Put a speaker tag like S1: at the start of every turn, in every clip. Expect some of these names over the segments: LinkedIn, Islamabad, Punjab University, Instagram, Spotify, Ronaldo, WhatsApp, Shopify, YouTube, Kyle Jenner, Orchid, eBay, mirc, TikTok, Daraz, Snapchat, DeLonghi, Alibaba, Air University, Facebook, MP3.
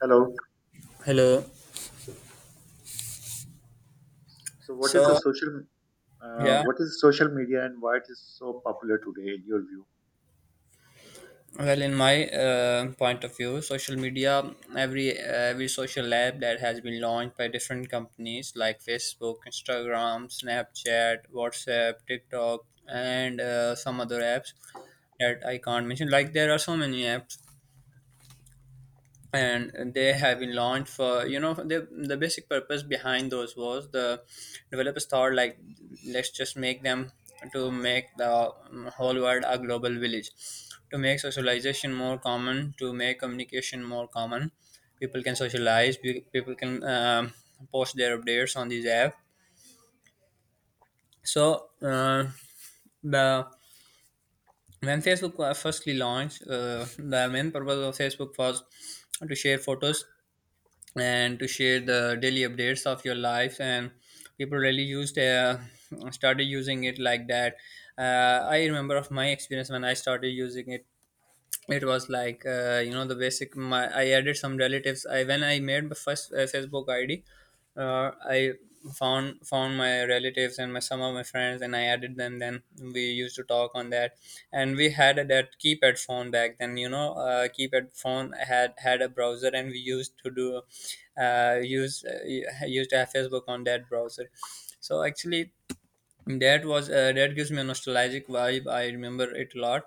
S1: Hello.
S2: Hello.
S1: So, what is the
S2: So,
S1: social? Uh,
S2: yeah,
S1: what is social media and why it is so popular today, in your view?
S2: well, in my point of view, social media, every social app that has been launched by different companies like Facebook, Instagram, Snapchat, WhatsApp, TikTok, and some other apps that I can't mention. Like, there are so many apps, and they have been launched for the basic purpose behind those. Was the developers thought like, let's just make them to make the whole world a global village, to make socialization more common, to make communication more common. People can socialize, people can post their updates on these app. So the when Facebook was firstly launched, the main purpose of Facebook was to share photos and to share the daily updates of your life. And people really used started using it like that. I remember of my experience. When I started using it, it was like, you know, the basic, my I added some relatives. I When I made my first Facebook ID, I found my relatives and my some of my friends, and I added them. Then we used to talk on that. And we had that keypad phone back then. You know, keypad phone had a browser, and we used to do use used to have Facebook on that browser. So actually, that gives me a nostalgic vibe. I remember it a lot.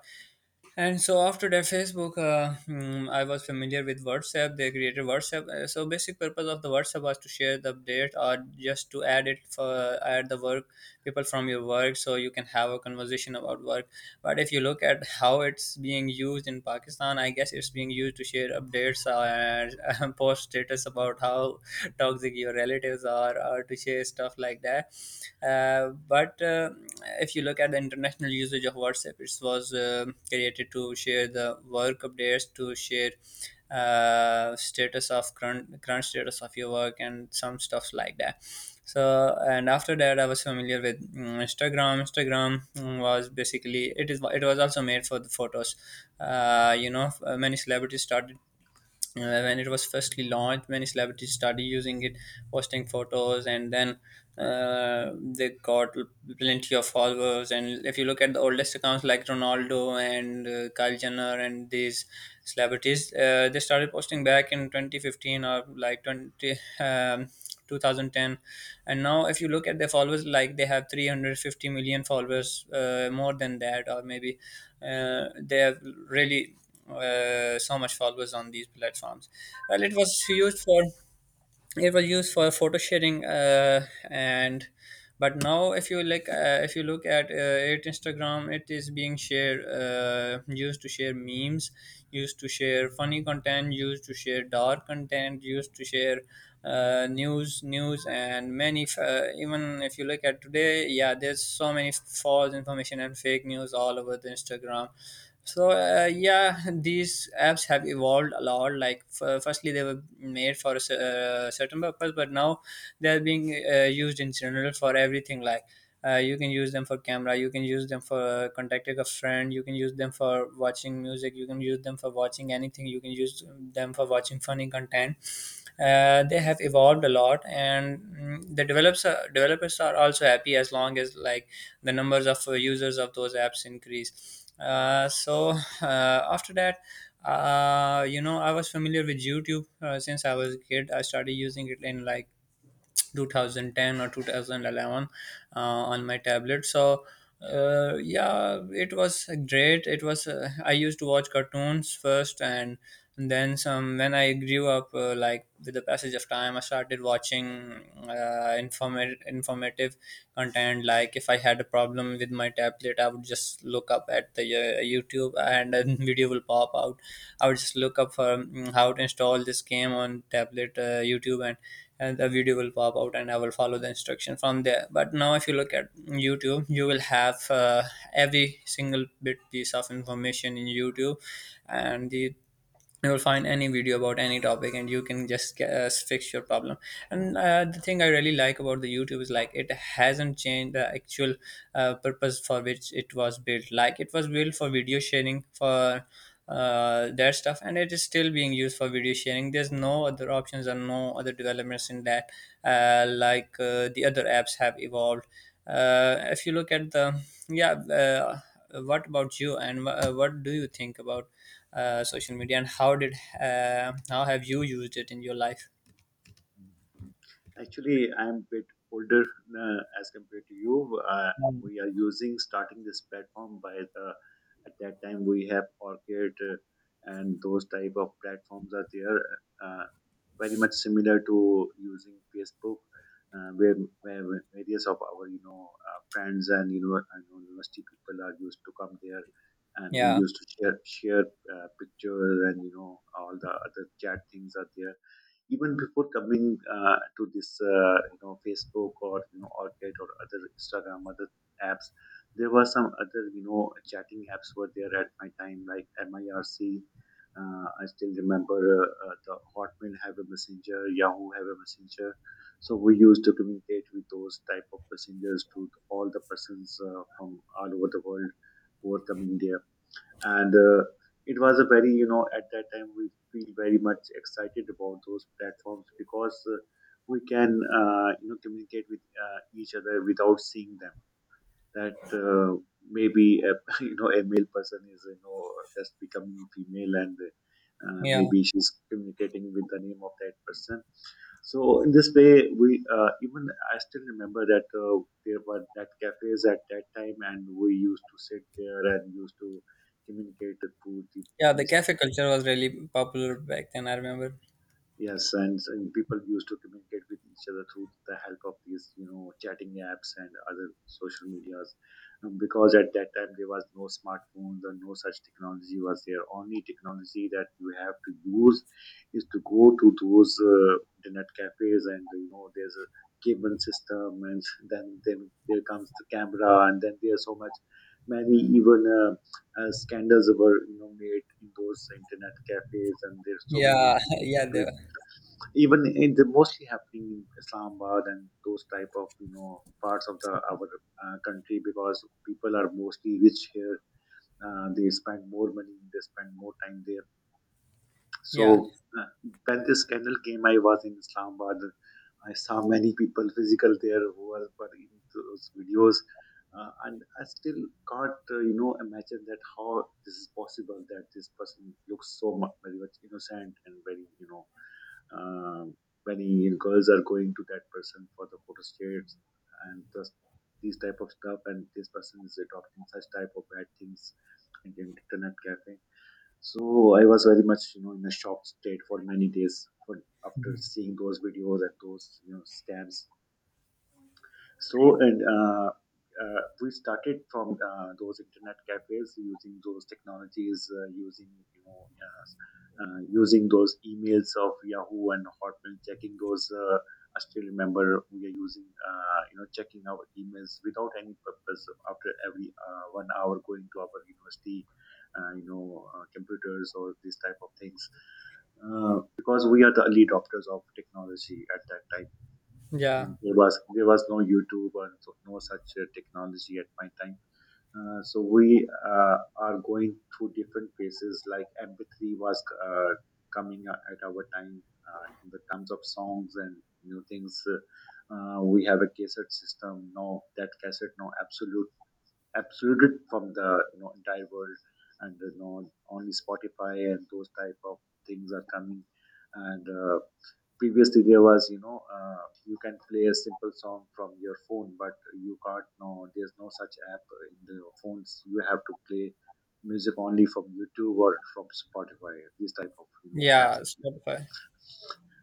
S2: And so after that, I was familiar with WhatsApp. They created WhatsApp. So basic purpose of the WhatsApp was to share the update, or just to add it for add the work people from your work, so you can have a conversation about work. But if you look at how it's being used in Pakistan, I guess it's being used to share updates and post status about how toxic your relatives are, or to share stuff like that. But If you look at the international usage of WhatsApp, it was created to share the work updates, to share status of current status of your work, and some stuffs like that. So, and after that, I was familiar with Instagram. Instagram, was basically, it was also made for the photos. Many celebrities started. When it was firstly launched, many celebrities started using it, posting photos, and then they got plenty of followers. And if you look at the oldest accounts, like Ronaldo and Kyle Jenner and these celebrities, they started posting back in 2015, or like um, 2010. And now, if you look at their followers, like, they have 350 million followers, more than that, or maybe they have really so much followers on these platforms. Well, it was huge for, it was used for photo sharing, and but now, if you look at it Instagram, it is being shared, used to share memes, used to share funny content, used to share dark content, used to share news and many even if you look at today, yeah, there's so many false information and fake news all over the Instagram. So yeah, these apps have evolved a lot. Like, firstly, they were made for a certain purpose, but now they are being used in general for everything. Like, you can use them for camera, you can use them for contacting a friend, you can use them for watching music, you can use them for watching anything, you can use them for watching funny content. They have evolved a lot. And developers are also happy, as long as, like, the numbers of users of those apps increase. After that, you know, I was familiar with YouTube since I was a kid. I started using it in like 2010 or 2011, on my tablet. So yeah, it was great. It was, I used to watch cartoons first. And then some, when I grew up, like with the passage of time, I started watching informative content. Like, if I had a problem with my tablet, I would just look up at the YouTube, and a video will pop out. I would just look up for how to install this game on tablet YouTube, and the video will pop out, and I will follow the instruction from there. But now, if you look at YouTube, you will have every single bit piece of information in YouTube. And the, you'll find any video about any topic, and you can just fix your problem. And the thing I really like about the YouTube is, like, it hasn't changed the actual purpose for which it was built. Like, it was built for video sharing, for their stuff, and it is still being used for video sharing. There's no other options and no other developments in that. The other apps have evolved. If you look at the yeah What about you? And what do you think about social media, and how have you used it in your life?
S1: Actually, I'm a bit older as compared to you. We are using starting this platform by the at that time we have Orchid and those type of platforms are there, uh, very much similar to using Facebook, uh, where, where various of our friends and and university people are used to come there, and we
S2: Yeah,
S1: used to share pictures and all the other chat things are there, even before coming to this Facebook or Orchid or other Instagram other apps. There were some other chatting apps were there at my time like mIRC. I still remember, the Hotmail have a messenger, Yahoo have a messenger, so we used to communicate with those type of messengers to all the persons from all over the world who were coming there. And it was a very, at that time we feel very much excited about those platforms, because we can communicate with each other without seeing them. That maybe a, a male person is, just becoming female, and
S2: yeah,
S1: maybe she's communicating with the name of that person. So in this way, we even I still remember that there were that cafes at that time, and we used to sit there and used to communicate through the,
S2: yeah. The
S1: these
S2: cafe culture was really popular back then. I remember.
S1: Yes, and people used to communicate with each other through the help of these, you know, chatting apps and other social medias, because at that time there was no smartphones or no such technology was there. Only technology that you have to use is to go to those internet cafes, and there's a cable system, and then there comes the camera, and then there's so much many even scandals were, made in those internet cafes, and there's so many
S2: Yeah,
S1: video,
S2: yeah, they were.
S1: even it's mostly happening in Islamabad and those type of parts of the our country, because people are mostly rich here. They spend more money, they spend more time there.
S2: Yeah.
S1: So, when this scandal came, I was in Islamabad. I saw many people physical there who were in those videos, and I still can't imagine that how this is possible, that this person looks so much very much innocent and very, um, many girls are going to that person for the photo shoots and just these type of stuff, and this person is adopting such type of bad things in the internet cafe. So I was very much in a shocked state for many days for after
S2: Mhm.
S1: seeing those videos and those scams. So and we started from those internet cafes using those technologies, using. Using those emails of Yahoo and Hotmail, checking those. I still remember we are using, checking our emails without any purpose. After every 1 hour, going to our university, computers or these type of things, because we are the early adopters of technology at that time.
S2: Yeah,
S1: There was no YouTube or no such technology at my time. So we are going through different phases. Like MP3 was coming at our time in the terms of songs and new things. We have a cassette system now. That cassette now absolute, from the, entire world, and only Spotify and those type of things are coming. And previously there was, you can play a simple song from your phone but you can't know there's no such app in the phones. You have to play music only from YouTube or from Spotify, these type of apps.
S2: yeah. Spotify.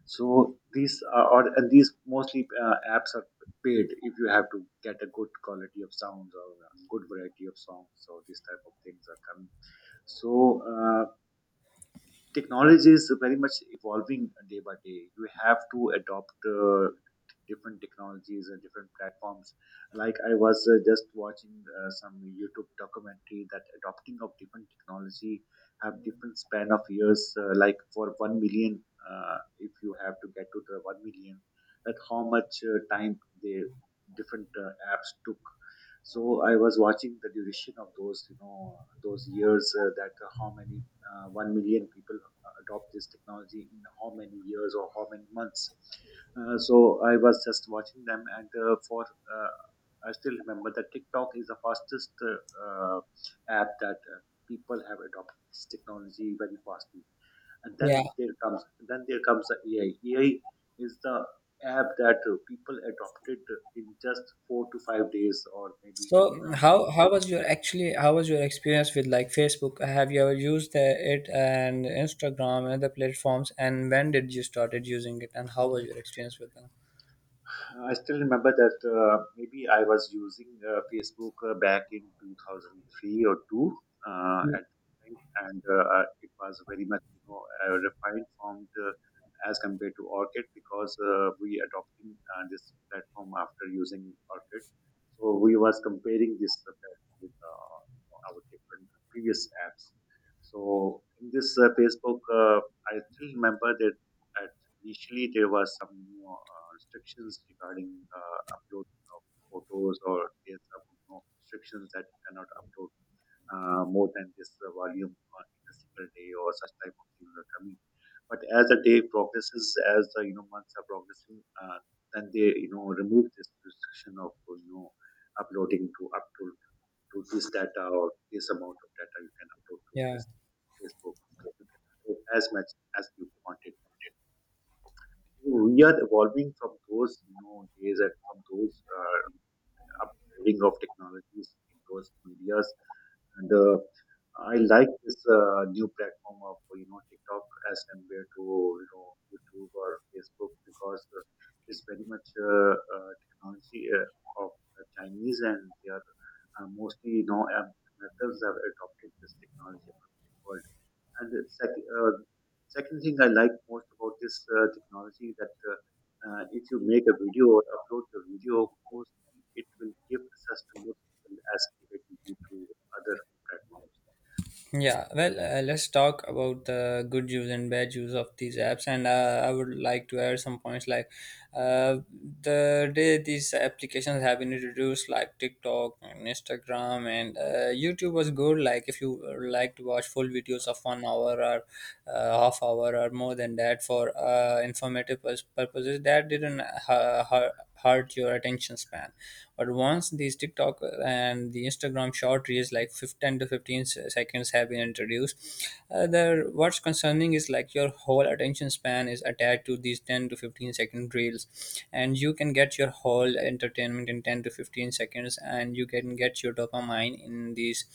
S1: So these are, or, and these mostly apps are paid if you have to get a good quality of sounds or a good variety of songs, so these type of things are coming. So uh, technology is very much evolving day by day. You have to adopt different technologies and different platforms. Like I was just watching some YouTube documentary that adopting of different technology have different span of years. Like for 1 million, if you have to get to the 1 million, that how much time the different apps took. So I was watching the duration of those, those years that how many 1 million people adopt this technology in how many years or how many months. So I was just watching them, and for I still remember that TikTok is the fastest uh, app that people have adopted this technology very fastly. And
S2: Yeah.
S1: then there comes the AI. AI is the app that people adopted in just 4 to 5 days, or maybe.
S2: So
S1: Um,
S2: how was your actually how was your experience with, like, Facebook? Have you ever used it, and Instagram and other platforms? And when did you started using it? And how was your experience with them?
S1: I still remember that maybe I was using Facebook back in 2003 or 2, at the time, and it was very much, a refined form as compared to Orchid, because we adopting this platform after using Orchid. So we was comparing this platform with our different previous apps. So in this Facebook, I still remember that, uh, Initially, there was some restrictions regarding uploading of photos, or there's some restrictions that you cannot upload more than this volume on in a single day, or such type of things are coming. But as the day progresses, as the, months are progressing, then they, remove this restriction of, uploading to up to this data or this amount of data you can upload to
S2: Yeah.
S1: this Facebook. You can upload as much as you wanted. We are evolving from those, days and from those upgrading of technologies in those medias. And I like this new platform of, TikTok as compared to, YouTube or Facebook, because it's very much technology of the Chinese, and they are mostly, Americans have adopted this technology. And the second thing I like most about this technology, that if you make a video or upload your video, post, it will give access to more people as compared to other platforms.
S2: Yeah, well, let's talk about the good use and bad use of these apps. And I would like to add some points, like uh, the day these applications have been introduced, like TikTok and Instagram and YouTube, was good. Like, if you like to watch full videos of 1 hour or half hour or more than that for informative pus- purposes, that didn't hurt your attention span. But once these TikTok and the Instagram short reels, like 15 10 to 15 seconds, have been introduced, the, what's concerning is, like, your whole attention span is attached to these 10 to 15 second reels, and you can get your whole entertainment in 10 to 15 seconds, and you can get your dopamine in these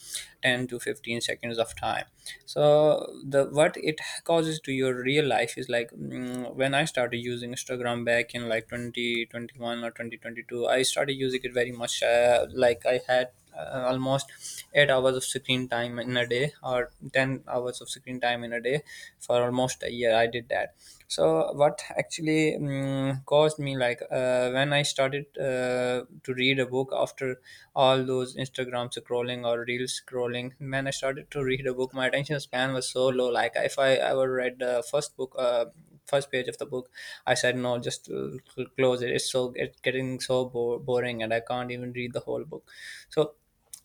S2: 10 to 15 seconds of time. So the, what it causes to your real life is, like, when I started using Instagram back in like 20 2021 or 2022, I started using it very much, like, I had almost 8 hours of screen time in a day, or 10 hours of screen time in a day, for almost a year. I did that. So, what actually caused me, like, when I started to read a book, after all those Instagram scrolling or reel scrolling, when I started to read a book, my attention span was so low. Like, if I ever read the first book, first page of the book, I said no, just close it. It's so, it's getting so boring, and I can't even read the whole book. So,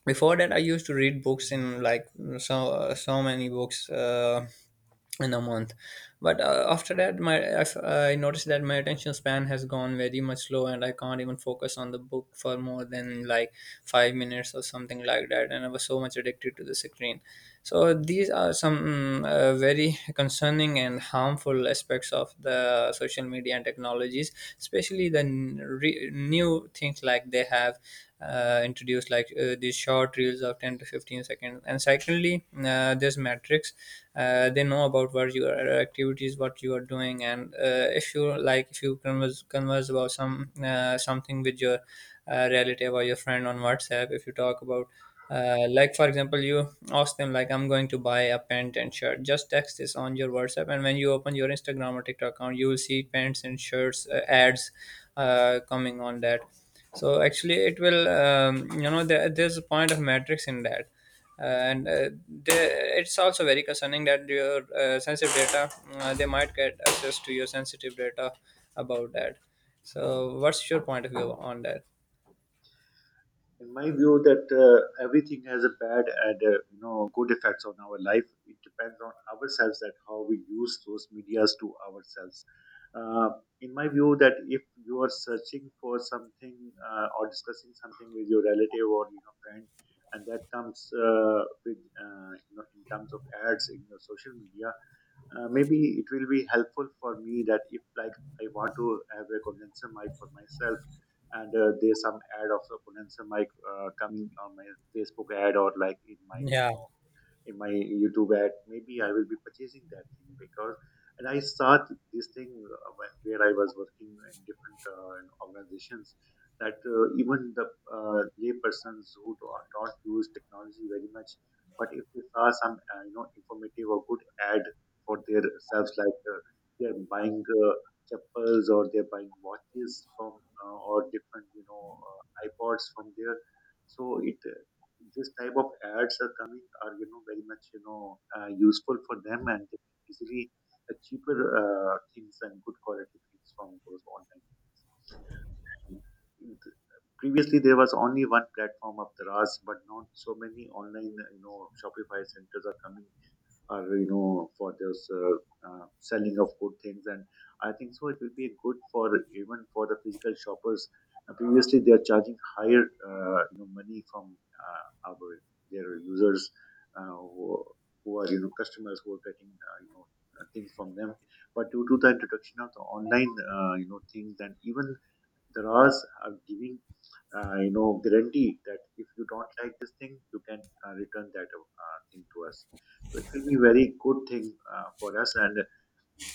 S2: before that, I used to read books in like, so so many books in a month. But after that, my I, I noticed that my attention span has gone very much low, and I can't even focus on the book for more than like 5 minutes or something like that. And I was so much addicted to the screen. So these are some very concerning and harmful aspects of the social media and technologies, especially the new things, like they have introduce, like, these short reels of 10 to 15 seconds. And secondly, there's metrics. They know about what your activities, what you are doing. And if you like, if you converse about some something with your relative or your friend on WhatsApp, if you talk about like, for example, you ask them like, I'm going to buy a pant and shirt, just text this on your WhatsApp, and when you open your Instagram or TikTok account, you will see pants and shirts ads coming on that. So actually, it will you know, there's a point of matrix in that. Uh, and uh, there, it's also very concerning that your sensitive data, they might get access to your sensitive data about that. So what's your point of view on that?
S1: In my view that everything has a bad and good effects on our life. It depends on ourselves that how we use those medias to ourselves. Uh, in my view, that if you are searching for something or discussing something with your relative or, friend, and that comes with in terms of ads in your social media, maybe it will be helpful for me that if like I want to have a condenser mic for myself, and there's some ad of a condenser mic coming on my Facebook ad, or like in my,
S2: Yeah,
S1: in my YouTube ad, maybe I will be purchasing that thing because. And I saw this thing, where I was working in different organizations, that even the lay persons who do not use technology very much, but if they saw some informative or good ad for their selves, like they are buying chappals, or they're buying watches from or different iPods from there. So it, this type of ads are coming are, very much, useful for them, and they can easily cheaper things and good quality things from those online. Th- Previously, there was only one platform of Taraz, but not so many online Shopify centers are coming or for this selling of good things, and I think so it will be good for, even for the physical shoppers. Previously, they are charging higher money from our their users, uh, who, who are customers, who are getting things from them. But due to the introduction of the online things, and even the RAs are giving guarantee that if you don't like this thing, you can return that thing to us. So it will be very good thing for us. And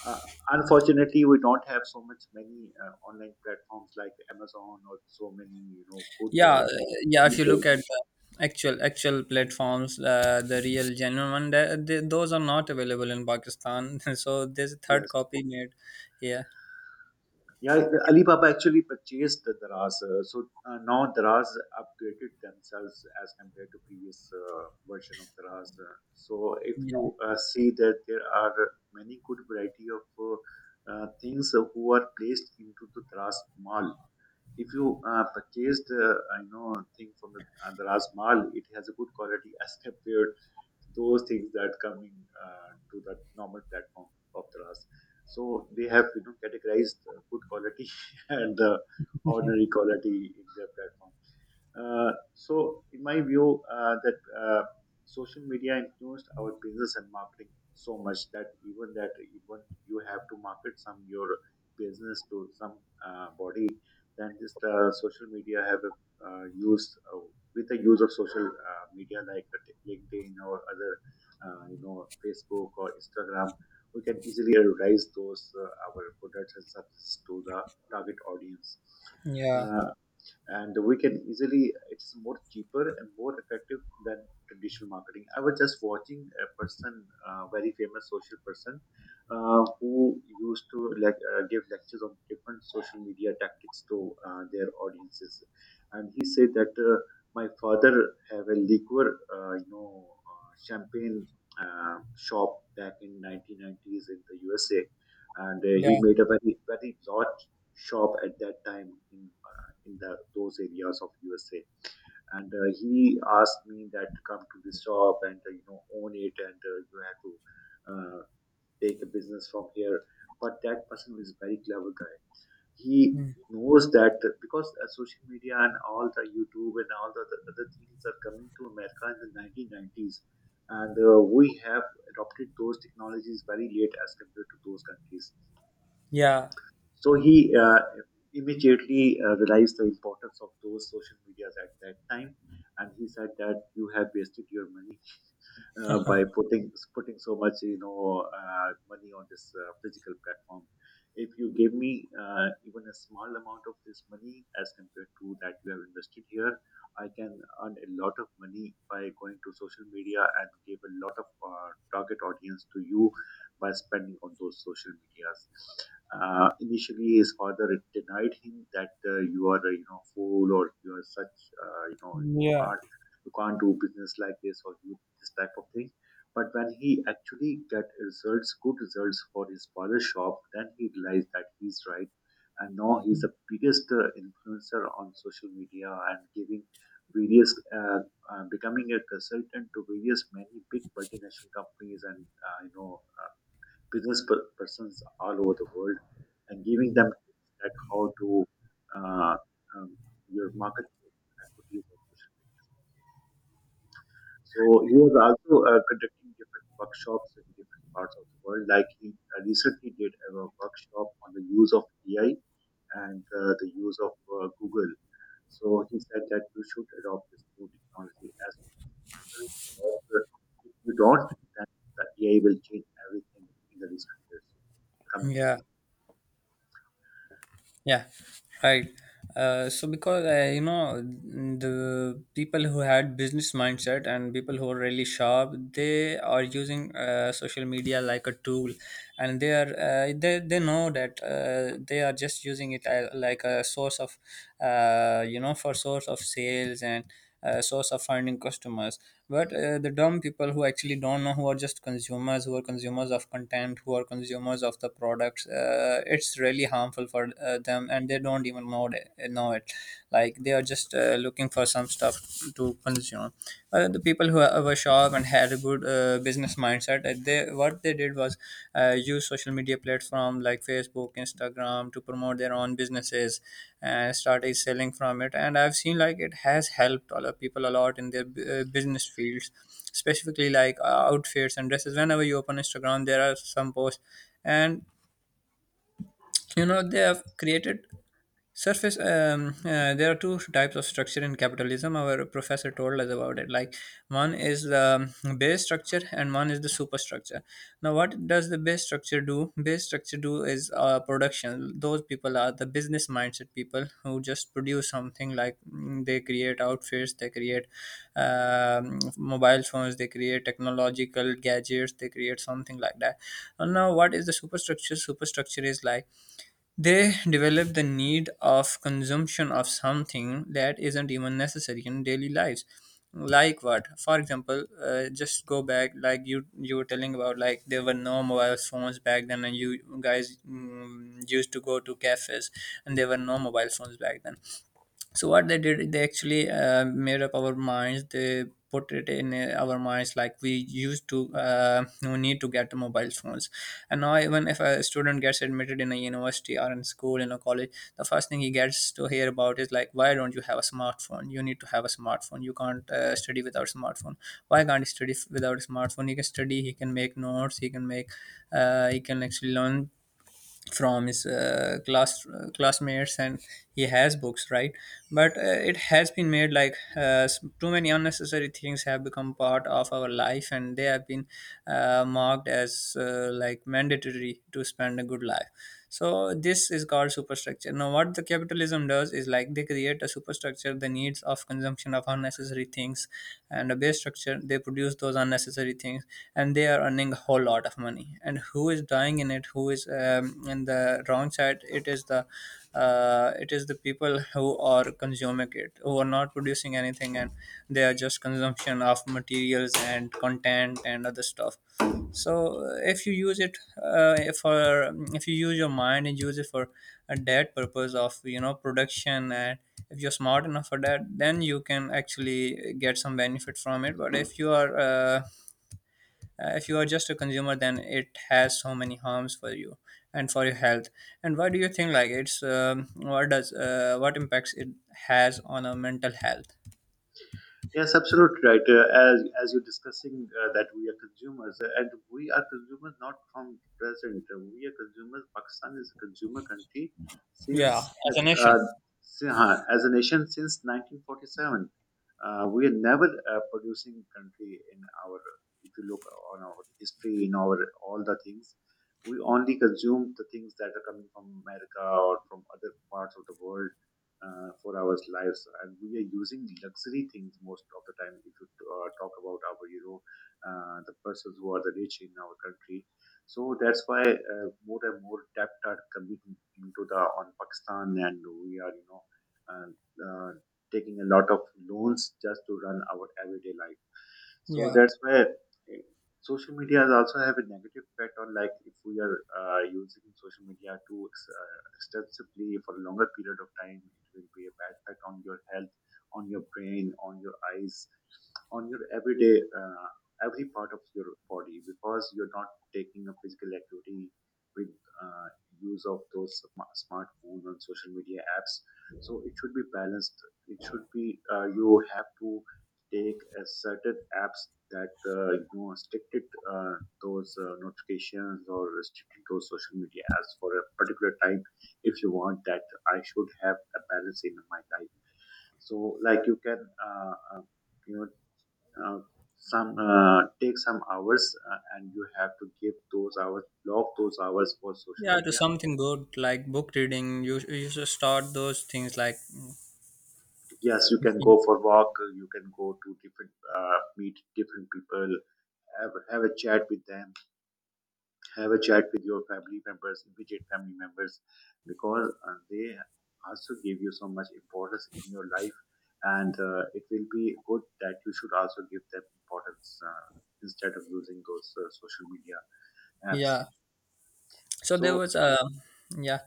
S1: uh, unfortunately, we don't have so much many online platforms like Amazon or so many good,
S2: yeah, yeah. If you
S1: eBay.
S2: look at the actual platforms, the real genuine one, those are not available in Pakistan. So there's a third
S1: Yes.
S2: copy made here.
S1: Yeah, Alibaba actually purchased the Daraz. Now Daraz upgraded themselves as compared to previous version of Daraz. So if
S2: Yeah,
S1: you see that there are many good variety of things who are placed into the Daraz Mall. If you purchased, I know thing from the Daraz Mall, it has a good quality as compared those things that coming to the normal platform of the RAS. So they have categorized the good quality and the ordinary quality in their platform. So, in my view, that social media influenced our business and marketing so much that even you have to market some your business to some body, then this social media have used, with the use of social media like LinkedIn or other, Facebook or Instagram. We can easily advertise those our products and services to the target audience.
S2: yeah,
S1: Uh, and we can easily, it's more cheaper and more effective than traditional marketing. I was just watching a person, very famous social person, who used to like give lectures on different social media tactics to their audiences. And he said that my father have a liquor champagne shop back in 1990s in the USA. And he
S2: yeah,
S1: made a very large shop at that time in the, those areas of USA. And he asked me that to come to this job, and you know, own it, and you have to uh, take a business from here. But that person is a very clever guy. He
S2: mm,
S1: knows that because social media and all the YouTube and all the other things are coming to America in the 1990s, and we have adopted those technologies very late as compared to those countries.
S2: yeah,
S1: So he immediately realized the importance of those social medias at that time, and he said that you have wasted your money by putting so much money on this physical platform. If you give me even a small amount of this money as compared to that you have invested here, I can earn a lot of money by going to social media and give a lot of target audience to you by spending on those social medias. Initially, his father denied him that you are a fool or you are such you
S2: yeah.
S1: can't, you can't do business like this or you this type of thing. But when he actually get results, good results for his father's shop, then he realized that he's right. And now he's the biggest influencer on social media and giving various, becoming a consultant to various many big multinational companies, and business persons all over the world, and giving them tips that how to uh, um, your market equities on social media. So he was also conducting different workshops in different parts of the world. Like he recently did a workshop on the use of AI and the use of Google. So he said that you should adopt this new technology as well. If you don't, then the AI will change everything in the recent years coming.
S2: Yeah, yeah, right. So because you know the people who had business mindset and people who are really sharp, they are using social media like a tool, and they know that they are just using it as, like a source of, for source of sales and source of finding customers. But the dumb people who actually don't know, who are just consumers, who are consumers of content, who are consumers of the products, it's really harmful for them, and they don't even know it. Like they are just looking for some stuff to consume. The people who were sharp and had a good business mindset. They, what they did was use social media platform like Facebook, Instagram, to promote their own businesses and started selling from it. And I've seen like it has helped a lot people a lot in their business fields, specifically like outfits and dresses. Whenever you open Instagram, there are some posts, and you know they have created surface. There are two types of structure in capitalism, our professor told us about it, like one is the base structure and one is the superstructure. Now, what does the base structure do? Base structure do is production. Those people are the business mindset people who just produce something, like they create outfits, they create mobile phones, they create technological gadgets, they create something like that. And now what is the superstructure? Superstructure is like they develop the need of consumption of something that isn't even necessary in daily lives. Like what? For example, just go back, like you were telling about, like there were no mobile phones back then, and you guys used to go to cafes, and there were no mobile phones back then. So what they did, they actually made up our minds, they put it in our minds, like we need to get mobile phones. And now, even if a student gets admitted in a university or in school, in a college, the first thing he gets to hear about is like, why don't you have a smartphone? You need to have a smartphone. You can't study without smartphone. Why can't he study without a smartphone? He can study, he can make notes, he can make he can actually learn from his classmates, and he has books, right? But it has been made like too many unnecessary things have become part of our life, and they have been marked as like mandatory to spend a good life. So this is called superstructure. Now, what the capitalism does is like they create a superstructure, the needs of consumption of unnecessary things, and a base structure. They produce those unnecessary things, and they are earning a whole lot of money. And who is dying in it? Who is in the wrong side? It is the people who are consuming it, who are not producing anything, and they are just consumption of materials and content and other stuff. So if you use it for if you use your mind and use it for a that purpose of production, and if you're smart enough for that, then you can actually get some benefit from it. But if you are just a consumer, then it has so many harms for you and for your health. And why do you think like it's what does what impacts it has on our mental health?
S1: Yes, absolutely right. As you're discussing that we are consumers, and we are consumers not from the present. We are consumers. Pakistan is a consumer country
S2: Yeah,
S1: since
S2: as
S1: that
S2: a nation.
S1: uh, as a nation since 1947. We are never a producing country in our. If you look on our history, in our all the things, we only consume the things that are coming from America or from other parts of the world for our lives. And we are using luxury things most of the time. If you talk about our, the persons who are the rich in our country, so that's why more and more debt are coming into the on Pakistan, and we are, uh, uh, taking a lot of loans just to run our everyday life. So
S2: Yeah.
S1: that's why. Social media also have a negative effect on, like, if we are using social media too extensively for a longer period of time, it will be a bad effect on your health, on your brain, on your eyes, on your everyday every part of your body, because you're not taking a physical activity with use of those smartphone and social media apps. So it should be balanced. It should be, you have to take a certain apps that restricted uh, those notifications or restricted those social media apps for a particular time, if you want that I should have a balance in my life. So like you can uh, uh, you know uh, some take some hours, and you have to give those hours, block those hours for social
S2: Yeah, to
S1: media.
S2: something good like book reading, you should start those things like.
S1: Yes, you can go for walk, you can go to different, meet different people, have a chat with them, have a chat with your family members, immediate family members, because they also give you so much importance in your life, and it will be good that you should also give them importance, instead of using those social media apps.
S2: Yeah. So there
S1: So.
S2: was a, yeah.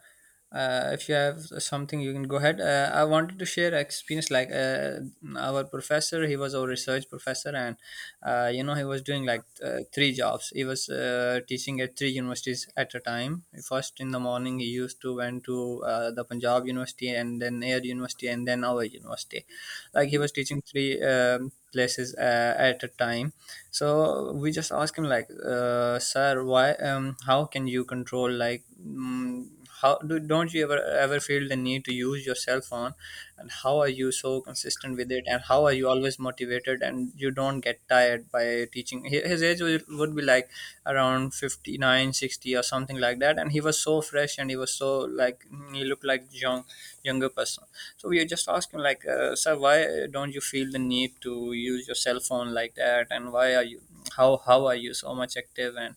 S2: If you have something, you can go ahead. I wanted to share experience, like our professor, he was our research professor, and he was doing like three jobs. He was teaching at three universities at a time. First in the morning, he used to went to the Punjab University, and then Air University, and then our university. Like he was teaching three places at a time. So we just ask him like, sir, why how can you control, like, don't you ever feel the need to use your cell phone? And how are you so consistent with it? And how are you always motivated, and you don't get tired by teaching? His age would be like around 59, 60 or something like that, and he was so fresh, and he was so like, he looked like younger person. So we are just asking like, sir, why don't you feel the need to use your cell phone like that? And why are you how are you so much active? And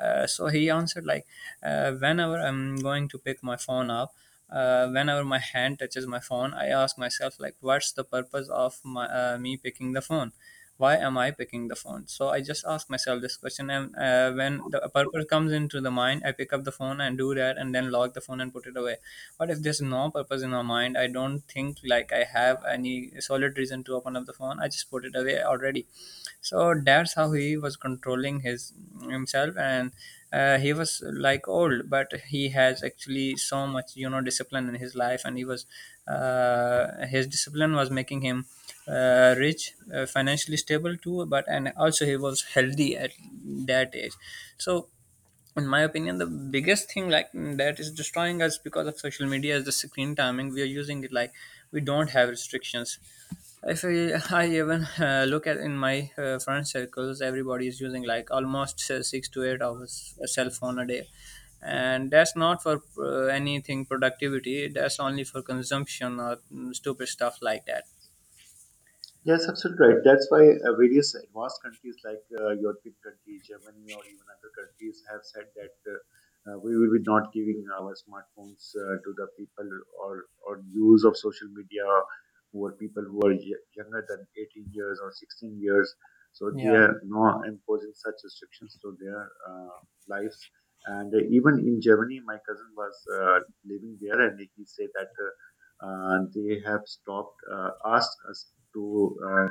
S2: so he answered like, whenever I'm going to pick my phone up, whenever my hand touches my phone, I ask myself like, what's the purpose of me picking the phone? Why am I picking the phone? So I just ask myself this question, and when the purpose comes into the mind, I pick up the phone and do that, and then lock the phone and put it away. But if there's no purpose in my mind, I don't think like I have any solid reason to open up the phone, I just put it away already. So that's how he was controlling his himself. And he was like old, but he has actually so much discipline in his life. And he was his discipline was making him rich, financially stable too, but and also he was healthy at that age. So in my opinion, the biggest thing like that is destroying us because of social media is the screen timing. We are using it like we don't have restrictions. If I, I even look at in my friend circles, everybody is using like almost 6 to 8 hours a cell phone a day, and that's not for anything productivity. That's only for consumption or stupid stuff like that.
S1: Yes, absolutely right. That's why various advanced countries like European countries, Germany, or even other countries have said that we will be not giving our smartphones to the people, or use of social media, who are people who are younger than 18 years or 16 years. So they
S2: Yeah.
S1: are now imposing such restrictions to their uh, lives. And even in Germany, my cousin was living there, and he said that. They have stopped, asked us to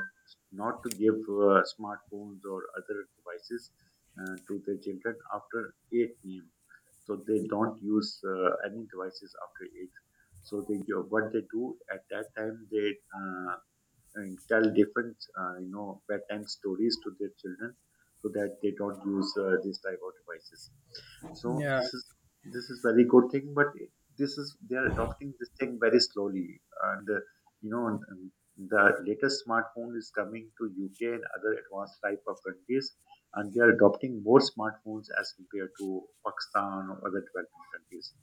S1: not to give smartphones or other devices to their children after 8 p.m. So they don't use any devices after 8. So they do- what they do at that time they and tell different, bedtime stories to their children, so that they don't use these type of devices. So
S2: Yeah,
S1: this is, this is very good thing, but it- this is they are adopting this thing very slowly, and you know and- and the latest smartphone is coming to UK and other advanced type of countries, and they are adopting more smartphones as compared to Pakistan or other developing countries.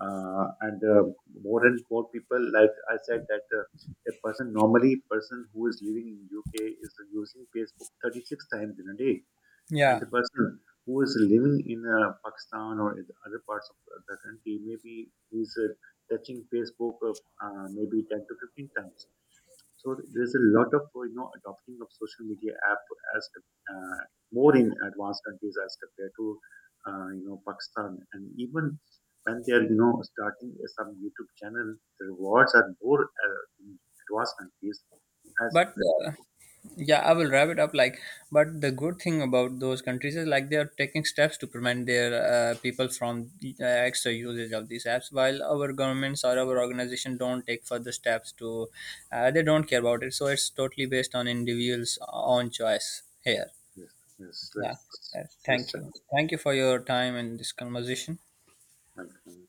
S1: And More and more people, like I said, that. A person, normally person who is living in UK is using Facebook 36 times in a day, and
S2: yeah.
S1: the person who is living in Pakistan or in the other parts of the country, maybe he's touching Facebook maybe 10 to 15 times. So there's a lot of adopting of social media app as uh, more in advanced countries as compared to Pakistan. And even when they are starting some YouTube channel, the rewards are more in advanced countries as.
S2: But uh, yeah, I will wrap it up, like, but the good thing about those countries is like they are taking steps to prevent their people from extra usage of these apps, while our governments or our organization don't take further steps to, they don't care about it. So it's totally based on individuals own choice here.
S1: Yes. Yes,
S2: Yeah.
S1: let's
S2: Uh,
S1: let's
S2: Thank you.
S1: check.
S2: Thank you for your time in this conversation.
S1: It.